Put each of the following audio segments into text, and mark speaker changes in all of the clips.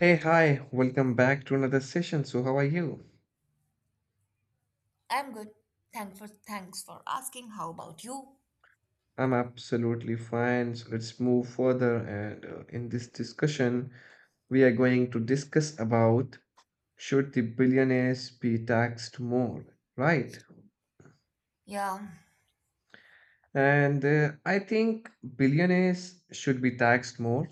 Speaker 1: Hey, hi, welcome back to another session. So, how are you?
Speaker 2: I'm good. Thanks for asking. How about you?
Speaker 1: I'm absolutely fine. So, let's move further. And in this discussion, we are going to discuss about should the billionaires be taxed more, right?
Speaker 2: Yeah,
Speaker 1: And I think billionaires should be taxed more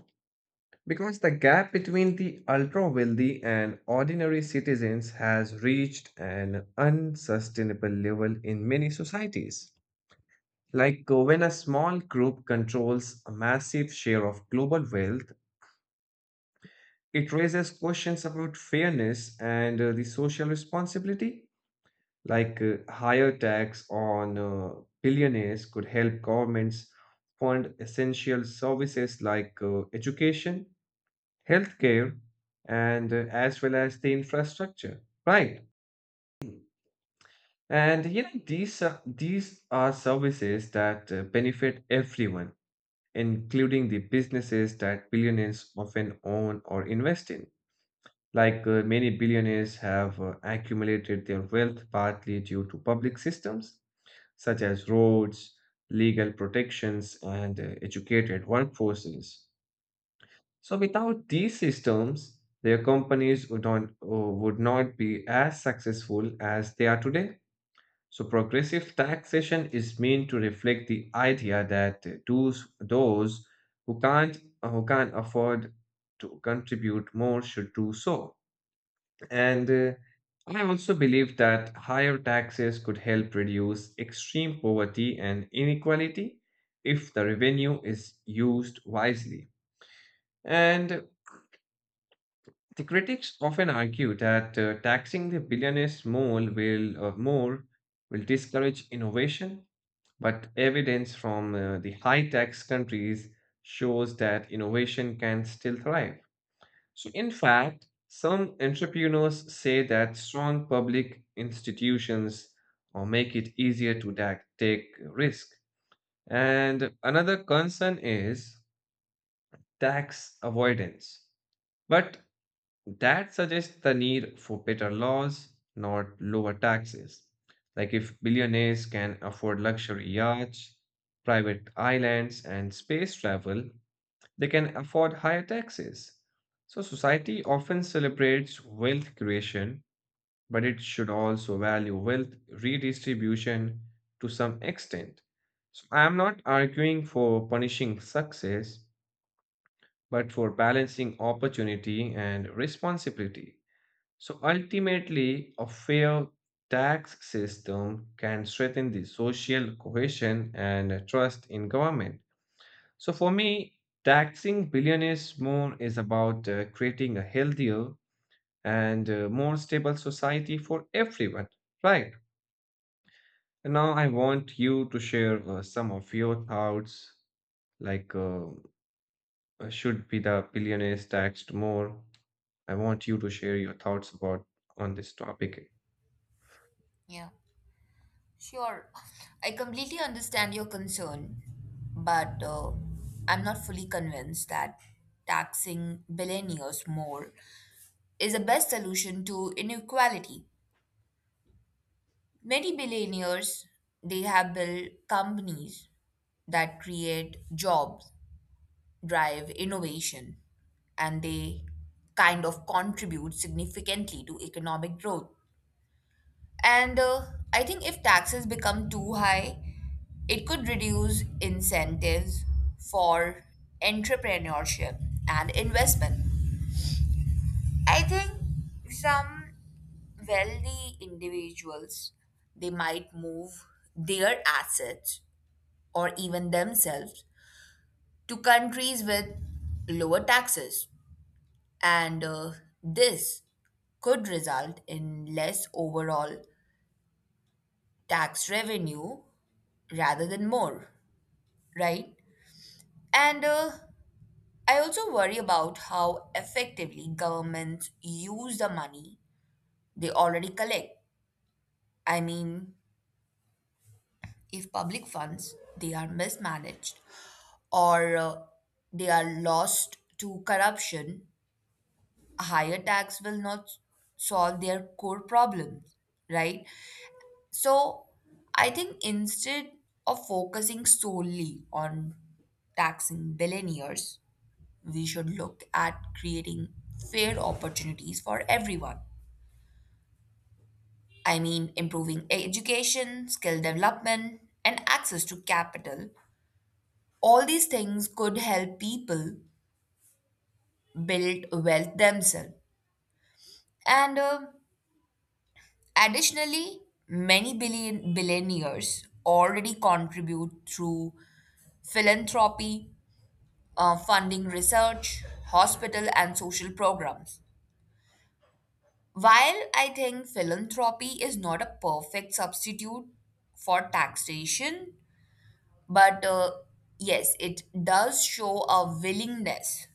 Speaker 1: because the gap between the ultra wealthy and ordinary citizens has reached an unsustainable level in many societies. When a small group controls a massive share of global wealth, it raises questions about fairness and the social responsibility. Higher tax on billionaires could help governments fund essential services like education, healthcare, and as well as the infrastructure. Right. And you know these are services that benefit everyone including the businesses that billionaires often own or invest in. Many billionaires have accumulated their wealth partly due to public systems such as roads, legal protections, and educated workforces. So without these systems, their companies would not be as successful as they are today. So progressive taxation is meant to reflect the idea that those who can't afford to contribute more should do so. And I also believe that higher taxes could help reduce extreme poverty and inequality if the revenue is used wisely. And the critics often argue that taxing the billionaires more will discourage innovation. But evidence from the high-tax countries shows that innovation can still thrive. So, in fact, some entrepreneurs say that strong public institutions make it easier to take risk. And another concern is tax avoidance. But that suggests the need for better laws, not lower taxes. Like if billionaires can afford luxury yachts, private islands, and space travel, they can afford higher taxes. So society often celebrates wealth creation, but it should also value wealth redistribution to some extent. So I am not arguing for punishing success, but for balancing opportunity and responsibility. So ultimately, a fair tax system can strengthen the social cohesion and trust in government. So for me, taxing billionaires more is about creating a healthier and more stable society for everyone, right? And now I want you to share some of your thoughts, like should be the billionaires taxed more? I want you to share your thoughts about on this topic.
Speaker 2: yeah, sure. I completely understand your concern, but I'm not fully convinced that taxing billionaires more is the best solution to inequality. Many billionaires they have built companies that create jobs, drive innovation, and they kind of contribute significantly to economic growth. And I think if taxes become too high, it could reduce incentives for entrepreneurship and investment. I think some wealthy individuals they might move their assets or even themselves to countries with lower taxes and this could result in less overall tax revenue rather than more, right? And I also worry about how effectively governments use the money they already collect. I mean, if public funds they are mismanaged or they are lost to corruption, a higher tax will not solve their core problems, right? So I think instead of focusing solely on taxing billionaires, we should look at creating fair opportunities for everyone. I mean, improving education, skill development, and access to capital. All these things could help people build wealth themselves. And additionally, many billionaires already contribute through philanthropy, funding research, hospital, and social programs. While I think philanthropy is not a perfect substitute for taxation, but yes, it does show a willingness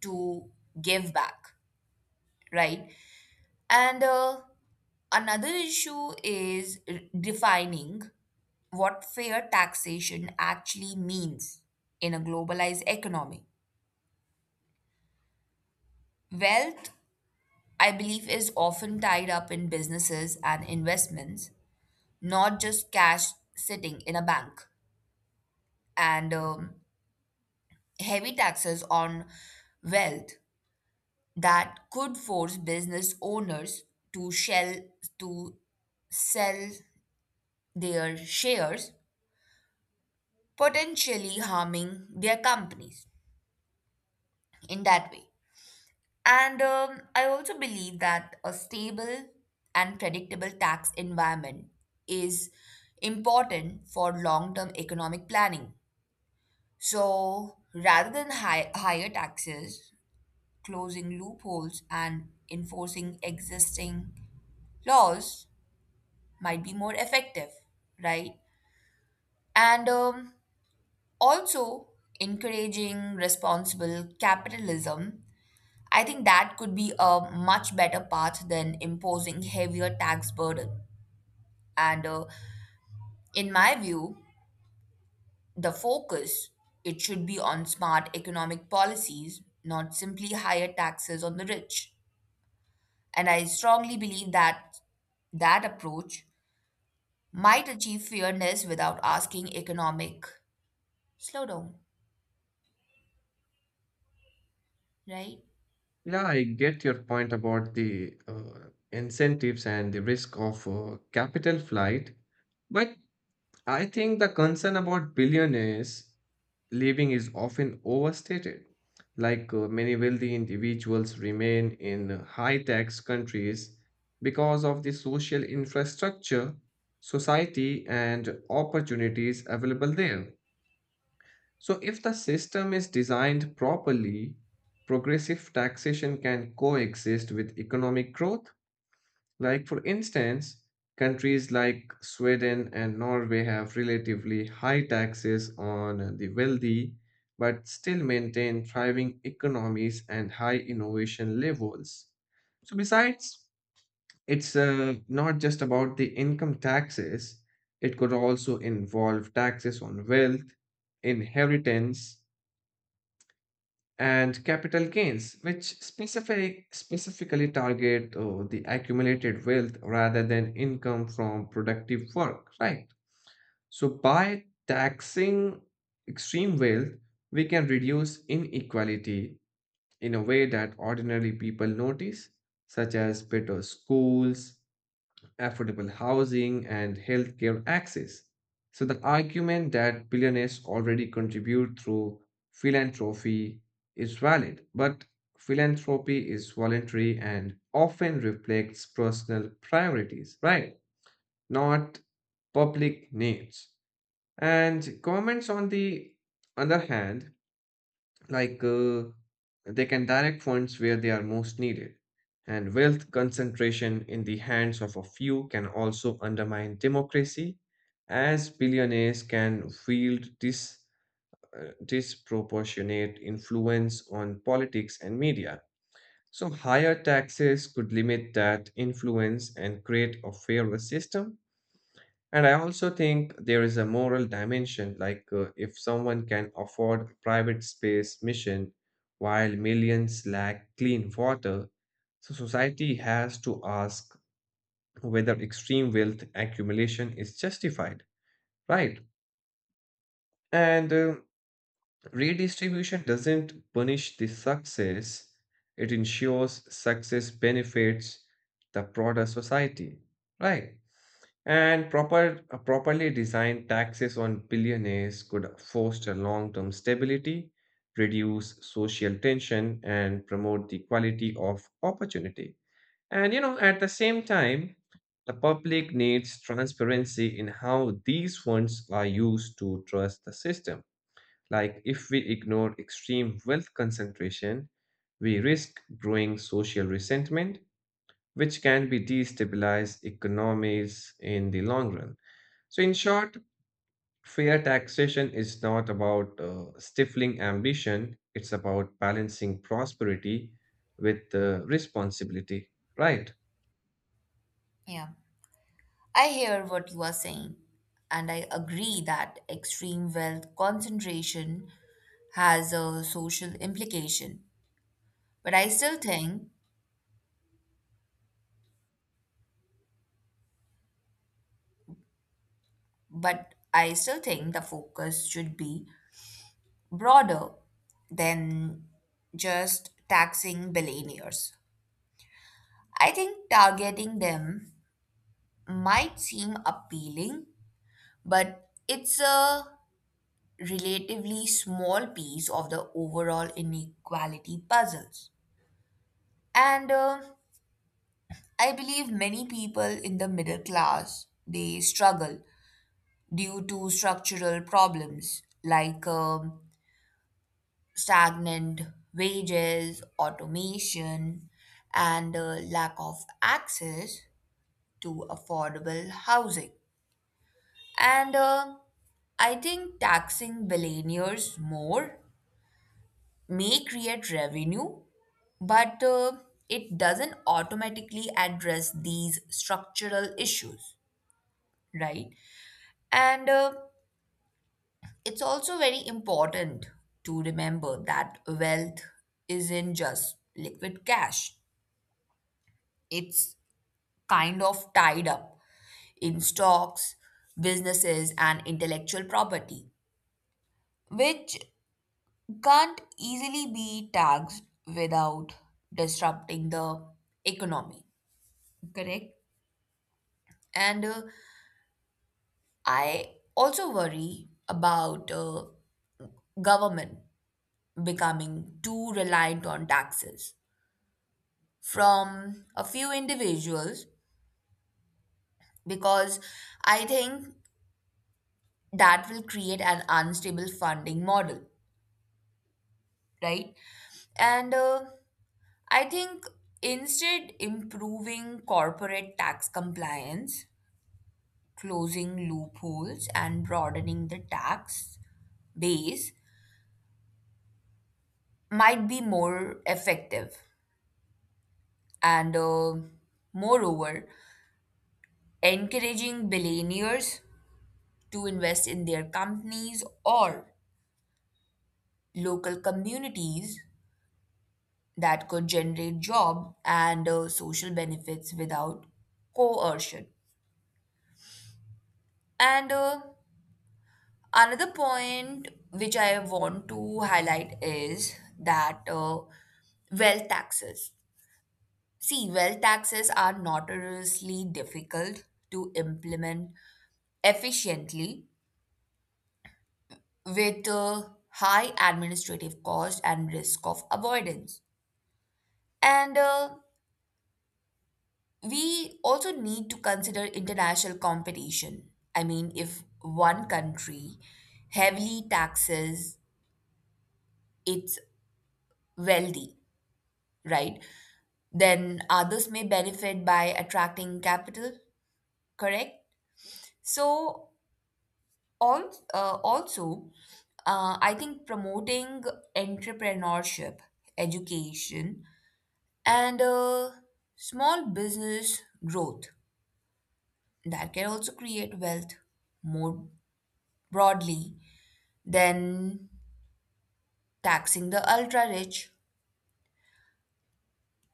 Speaker 2: to give back, right? And another issue is defining what fair taxation actually means in a globalized economy. Wealth, I believe, is often tied up in businesses and investments, not just cash sitting in a bank, and heavy taxes on wealth that could force business owners to shell to sell their shares potentially harming their companies in that way and I also believe that a stable and predictable tax environment is important for long term economic planning. So rather than higher taxes, closing loopholes and enforcing existing laws might be more effective, right? And also, encouraging responsible capitalism. I think that could be a much better path than imposing heavier tax burden. And in my view, the focus it should be on smart economic policies, not simply higher taxes on the rich. And I strongly believe that that approach might achieve fairness without asking economic slowdown, right?
Speaker 1: Yeah, I get your point about the incentives and the risk of capital flight. But I think the concern about billionaires leaving is often overstated. Like many wealthy individuals remain in high tax countries because of the social infrastructure, society, and opportunities available there. So, if the system is designed properly, progressive taxation can coexist with economic growth. Like, for instance, countries like Sweden and Norway have relatively high taxes on the wealthy, but still maintain thriving economies and high innovation levels. So, besides, it's not just about the income taxes, it could also involve taxes on wealth, inheritance and capital gains, which specifically target the accumulated wealth rather than income from productive work, right? So, by taxing extreme wealth, we can reduce inequality in a way that ordinary people notice, such as better schools, affordable housing, and healthcare access. So, the argument that billionaires already contribute through philanthropy is valid, but philanthropy is voluntary and often reflects personal priorities, right? Not public needs. And governments, on the other hand, like they can direct funds where they are most needed. And wealth concentration in the hands of a few can also undermine democracy, as billionaires can wield disproportionate influence on politics and media. So, higher taxes could limit that influence and create a fairer system. And I also think there is a moral dimension, like if someone can afford a private space mission while millions lack clean water, so society has to ask whether extreme wealth accumulation is justified, right? And Redistribution doesn't punish the success, it ensures success benefits the broader society, right? And properly designed taxes on billionaires could foster long-term stability, reduce social tension, and promote the quality of opportunity. And you know, at the same time, the public needs transparency in how these funds are used to trust the system. Like if we ignore extreme wealth concentration, we risk growing social resentment, which can be destabilize economies in the long run. So, in short, fair taxation is not about stifling ambition, it's about balancing prosperity with responsibility, right?
Speaker 2: Yeah. I hear what you are saying, and I agree that extreme wealth concentration has a social implication. But I still think, but I still think the focus should be broader than just taxing billionaires. I think targeting them might seem appealing, but it's a relatively small piece of the overall inequality puzzles. And I believe many people in the middle class they struggle due to structural problems like stagnant wages, automation, and lack of access to affordable housing. And I think taxing billionaires more may create revenue, but it doesn't automatically address these structural issues, right? And it's also very important to remember that wealth isn't just liquid cash, it's kind of tied up in stocks, businesses, and intellectual property, which can't easily be taxed without disrupting the economy, correct? And I also worry about government becoming too reliant on taxes from a few individuals because I think that will create an unstable funding model, right? And I think instead improving corporate tax compliance, closing loopholes and broadening the tax base might be more effective. And moreover, encouraging billionaires to invest in their companies or local communities, that could generate job and social benefits without coercion. And another point which I want to highlight is that wealth taxes see, wealth taxes are notoriously difficult to implement efficiently with a high administrative cost and risk of avoidance. And we also need to consider international competition. I mean, if one country heavily taxes its wealthy, right, then others may benefit by attracting capital, correct? So, also, I think promoting entrepreneurship, education, and small business growth, that can also create wealth more broadly than taxing the ultra rich.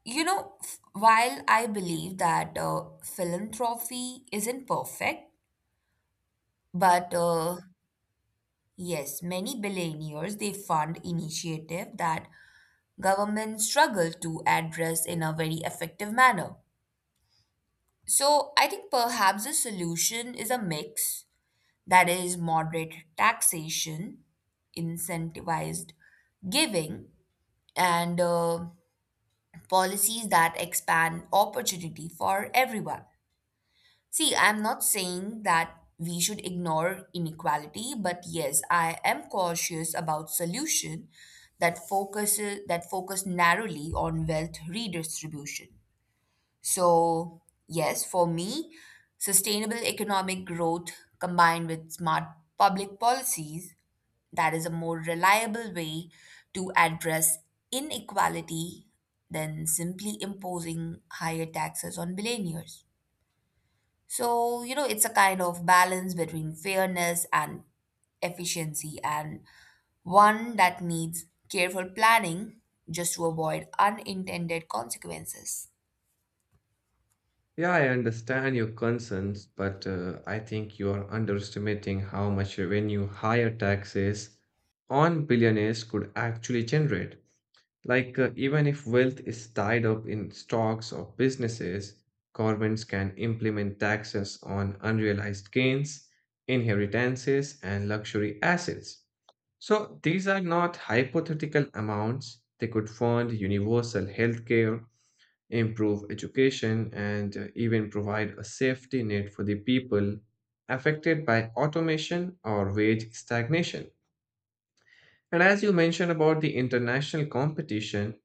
Speaker 2: You know, while I believe that philanthropy isn't perfect, but yes, many billionaires they fund initiative that governments struggle to address in a very effective manner. So, I think perhaps the solution is a mix, that is, moderate taxation, incentivized giving, and policies that expand opportunity for everyone. See, I'm not saying that we should ignore inequality, but yes, I am cautious about solution that focus narrowly on wealth redistribution. So, yes, for me, sustainable economic growth combined with smart public policies, that is a more reliable way to address inequality than simply imposing higher taxes on billionaires. So, you know, it's a kind of balance between fairness and efficiency, and one that needs careful planning just to avoid unintended consequences.
Speaker 1: Yeah, I understand your concerns, but I think you are underestimating how much revenue higher taxes on billionaires could actually generate. Like, even if wealth is tied up in stocks or businesses, governments can implement taxes on unrealized gains, inheritances, and luxury assets. So, these are not hypothetical amounts. They could fund universal healthcare, improve education, and even provide a safety net for the people affected by automation or wage stagnation. And as you mentioned about the international competition,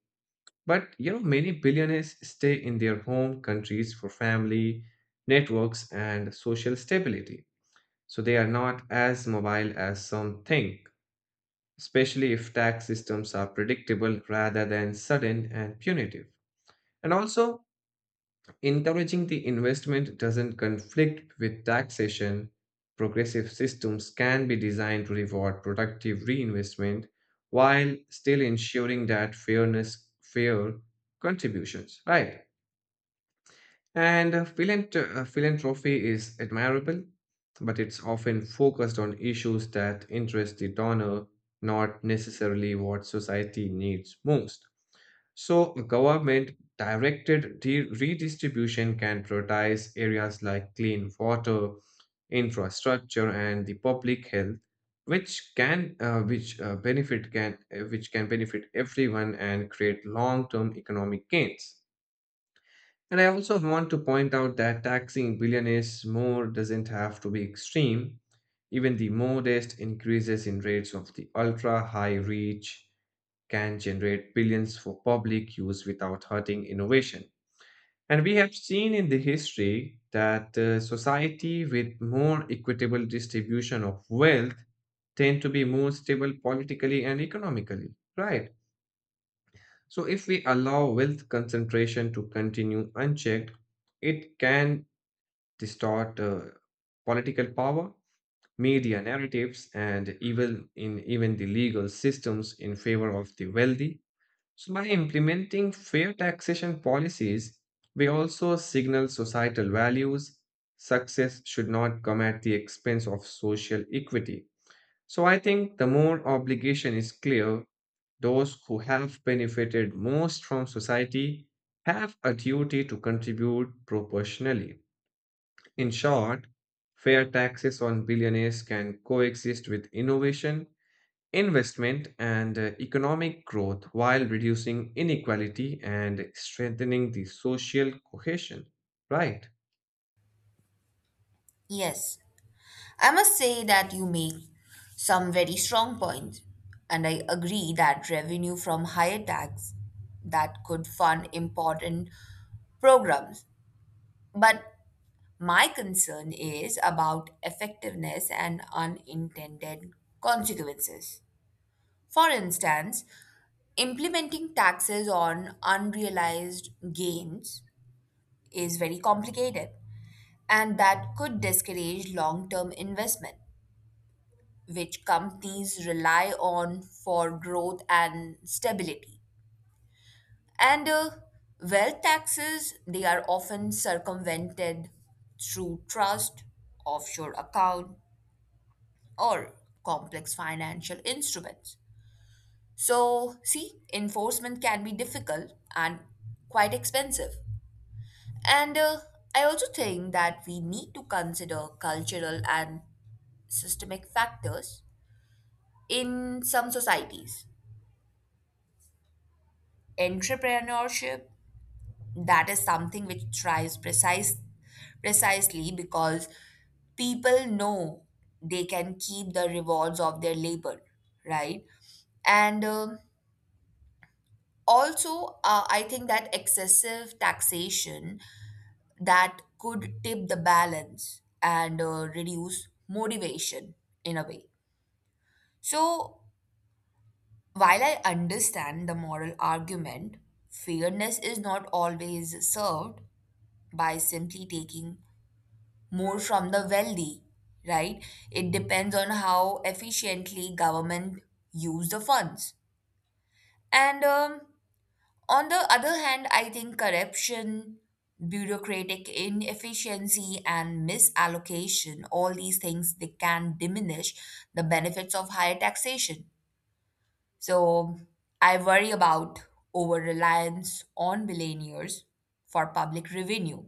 Speaker 1: but you know, many billionaires stay in their home countries for family, networks, and social stability. So they are not as mobile as some think, especially if tax systems are predictable rather than sudden and punitive. And also, encouraging the investment doesn't conflict with taxation. Progressive systems can be designed to reward productive reinvestment while still ensuring that fair contributions, right? And philanthropy is admirable, but it's often focused on issues that interest the donor, not necessarily what society needs most. So, a government directed redistribution can prioritize areas like clean water, infrastructure, and the public health, which can which benefit can which can benefit everyone and create long-term economic gains. And I also want to point out that taxing billionaires more doesn't have to be extreme. Even the modest increases in rates of the ultra high reach can generate billions for public use without hurting innovation. And we have seen in the history that society with more equitable distribution of wealth tend to be more stable politically and economically, right? So if we allow wealth concentration to continue unchecked, it can distort political power, media narratives, and even the legal systems in favor of the wealthy. So, by implementing fair taxation policies, we also signal societal values. Success should not come at the expense of social equity. So, I think the more obligation is clear, those who have benefited most from society have a duty to contribute proportionally. In short, fair taxes on billionaires can coexist with innovation, investment, and economic growth while reducing inequality and strengthening the social cohesion. Right.
Speaker 2: Yes, I must say that you make some very strong points, and I agree that revenue from higher tax that could fund important programs. But my concern is about effectiveness and unintended consequences. For instance, implementing taxes on unrealized gains is very complicated, and that could discourage long term investment, which companies rely on for growth and stability. And wealth taxes, they are often circumvented through trust, offshore account, or complex financial instruments. So, see, enforcement can be difficult and quite expensive. And I also think that we need to consider cultural and systemic factors. In some societies entrepreneurship, that is something which thrives precisely because people know they can keep the rewards of their labor, right? and also, I think that excessive taxation that could tip the balance and reduce motivation in a way. So while I understand the moral argument, fairness is not always served by simply taking more from the wealthy, right? It depends on how efficiently government use the funds. And on the other hand, I think corruption, bureaucratic inefficiency, and misallocation, all these things, they can diminish the benefits of higher taxation. So I worry about over reliance on billionaires for public revenue.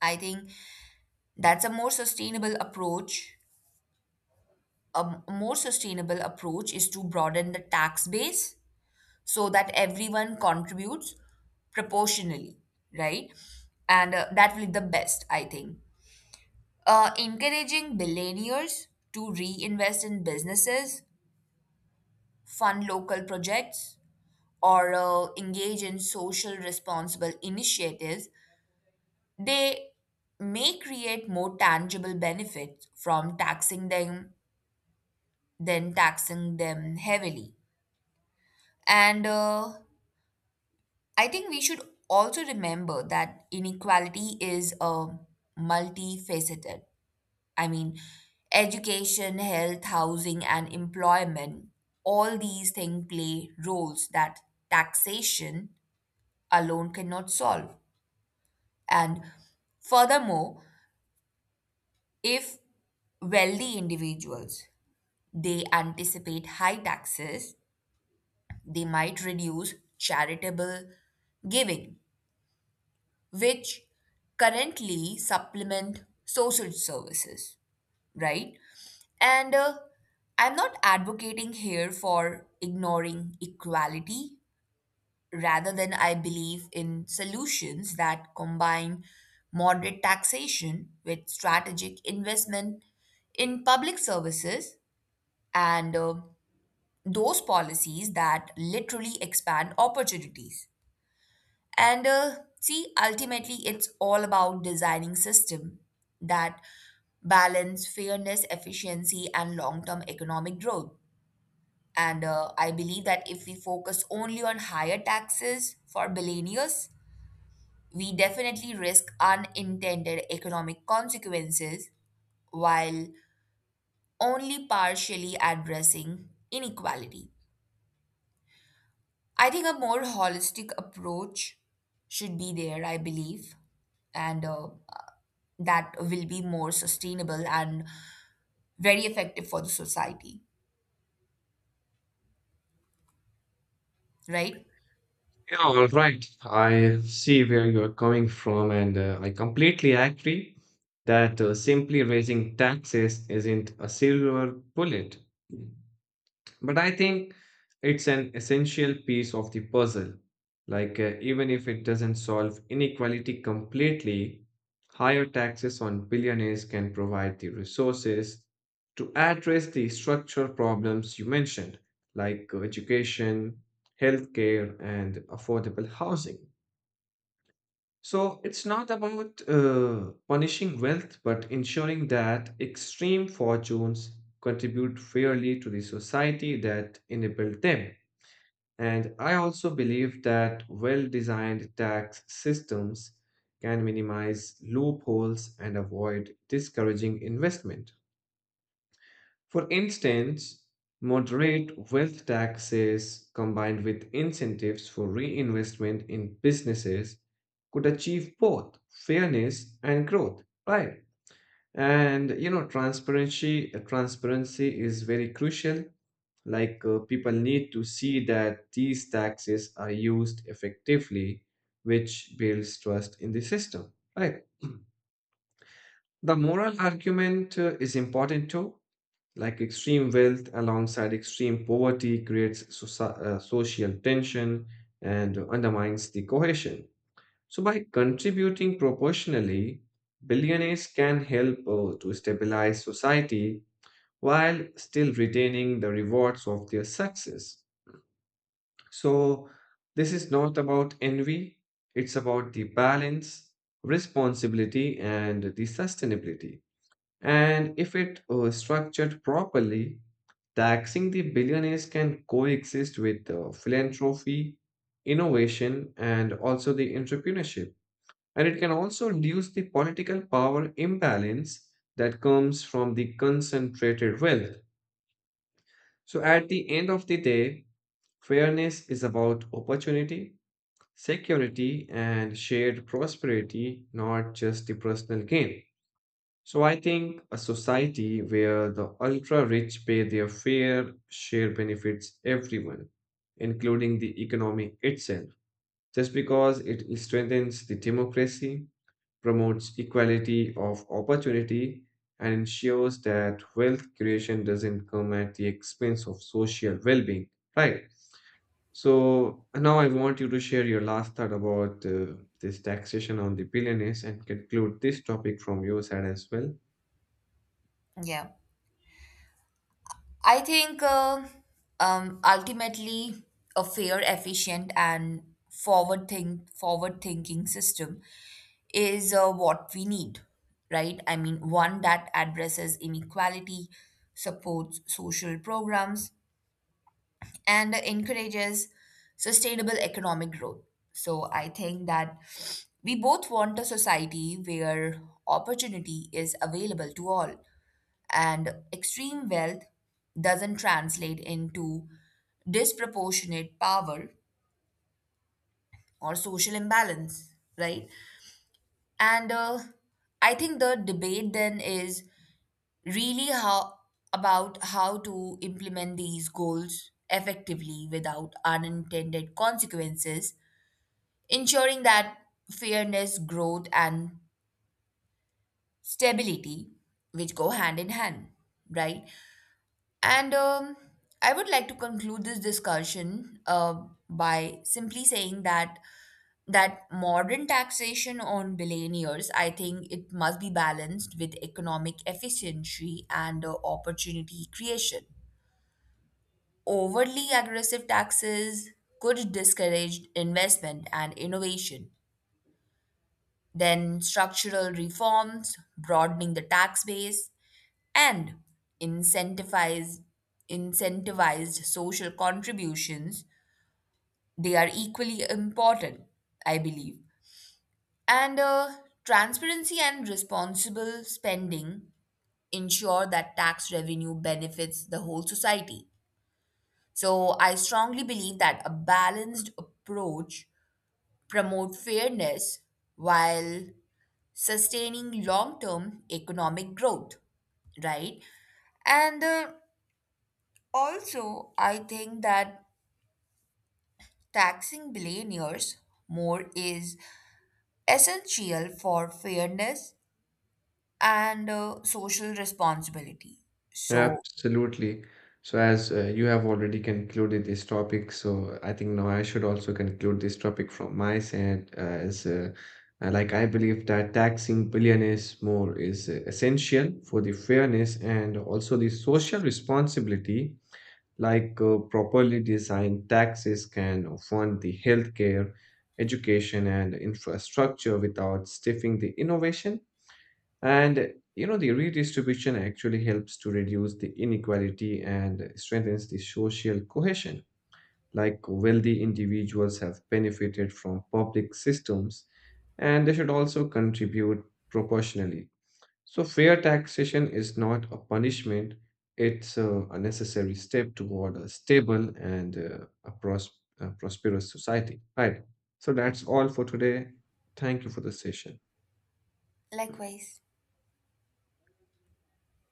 Speaker 2: I think that's a more sustainable approach. A more sustainable approach is to broaden the tax base so that everyone contributes proportionally, right? And that will be the best, I think. Encouraging billionaires to reinvest in businesses, fund local projects, or engage in social responsible initiatives, they may create more tangible benefits from taxing them than taxing them heavily. And I think we should also remember that inequality is multifaceted. I mean, education, health, housing, and employment, all these things play roles that taxation alone cannot solve. And furthermore, if wealthy individuals they anticipate high taxes, they might reduce charitable giving, which currently supplement social services, right? And I'm not advocating here for ignoring equality. Rather than I believe in solutions that combine moderate taxation with strategic investment in public services and those policies that literally expand opportunities. And see, ultimately, it's all about designing system that balance fairness, efficiency, and long-term economic growth. And I believe that if we focus only on higher taxes for billionaires, we definitely risk unintended economic consequences while only partially addressing inequality. I think a more holistic approach should be there, I believe. And that will be more sustainable and very effective for the society, right?
Speaker 1: Yeah, all right. I see where you're coming from, and I completely agree that simply raising taxes isn't a silver bullet. But I think it's an essential piece of the puzzle. Like, even if it doesn't solve inequality completely, higher taxes on billionaires can provide the resources to address the structural problems you mentioned, like education, healthcare, and affordable housing. So it's not about punishing wealth, but ensuring that extreme fortunes contribute fairly to the society that enabled them. And I also believe that well designed tax systems can minimize loopholes and avoid discouraging investment. For instance, moderate wealth taxes combined with incentives for reinvestment in businesses could achieve both fairness and growth, right? And you know, transparency is very crucial. Like people need to see that these taxes are used effectively, which builds trust in the system, right? The moral argument is important too, like extreme wealth alongside extreme poverty creates social tension and undermines the cohesion. So, by contributing proportionally, billionaires can help to stabilize society while still retaining the rewards of their success. So, this is not about envy, it's about the balance, responsibility, and the sustainability. And if it structured properly, taxing the billionaires can coexist with philanthropy, innovation, and also the entrepreneurship. And it can also reduce the political power imbalance that comes from the concentrated wealth. So, at the end of the day, fairness is about opportunity, security, and shared prosperity, not just the personal gain. So I think a society where the ultra rich pay their fair share benefits everyone, including the economy itself, just because it strengthens the democracy, promotes equality of opportunity, and ensures that wealth creation doesn't come at the expense of social well being, right? So now I want you to share your last thought about this taxation on the billionaires and conclude this topic from your side as well.
Speaker 2: Yeah. I think ultimately a fair, efficient, and forward thinking system is what we need, right? I mean, one that addresses inequality, supports social programs, and encourages sustainable economic growth. So I think that we both want a society where opportunity is available to all and extreme wealth doesn't translate into disproportionate power or social imbalance, right? And I think the debate then is really how about how to implement these goals effectively without unintended consequences, ensuring that fairness, growth and stability which go hand in hand, right? and I would like to conclude this discussion by simply saying that modern taxation on billionaires, I think it must be balanced with economic efficiency and opportunity creation. Overly aggressive taxes could discourage investment and innovation. Then, structural reforms, broadening the tax base, and incentivize, incentivized social contributions, they are equally important, I believe. And transparency and responsible spending ensure that tax revenue benefits the whole society. So I strongly believe that a balanced approach promote fairness while sustaining long term economic growth, right? And also, I think that taxing billionaires more is essential for fairness and social responsibility. So,
Speaker 1: Absolutely. So, as you have already concluded this topic, so I think now I should also conclude this topic from my side. As like I believe that taxing billionaires more is essential for the fairness and also the social responsibility. Like properly designed taxes can fund the healthcare, education, and infrastructure without stifling the innovation and you know, the redistribution actually helps to reduce the inequality and strengthens the social cohesion. Like wealthy individuals have benefited from public systems and they should also contribute proportionally. So, fair taxation is not a punishment, it's a necessary step toward a stable and a prosperous society. Right. So, that's all for today. Thank you for the session.
Speaker 2: likewise.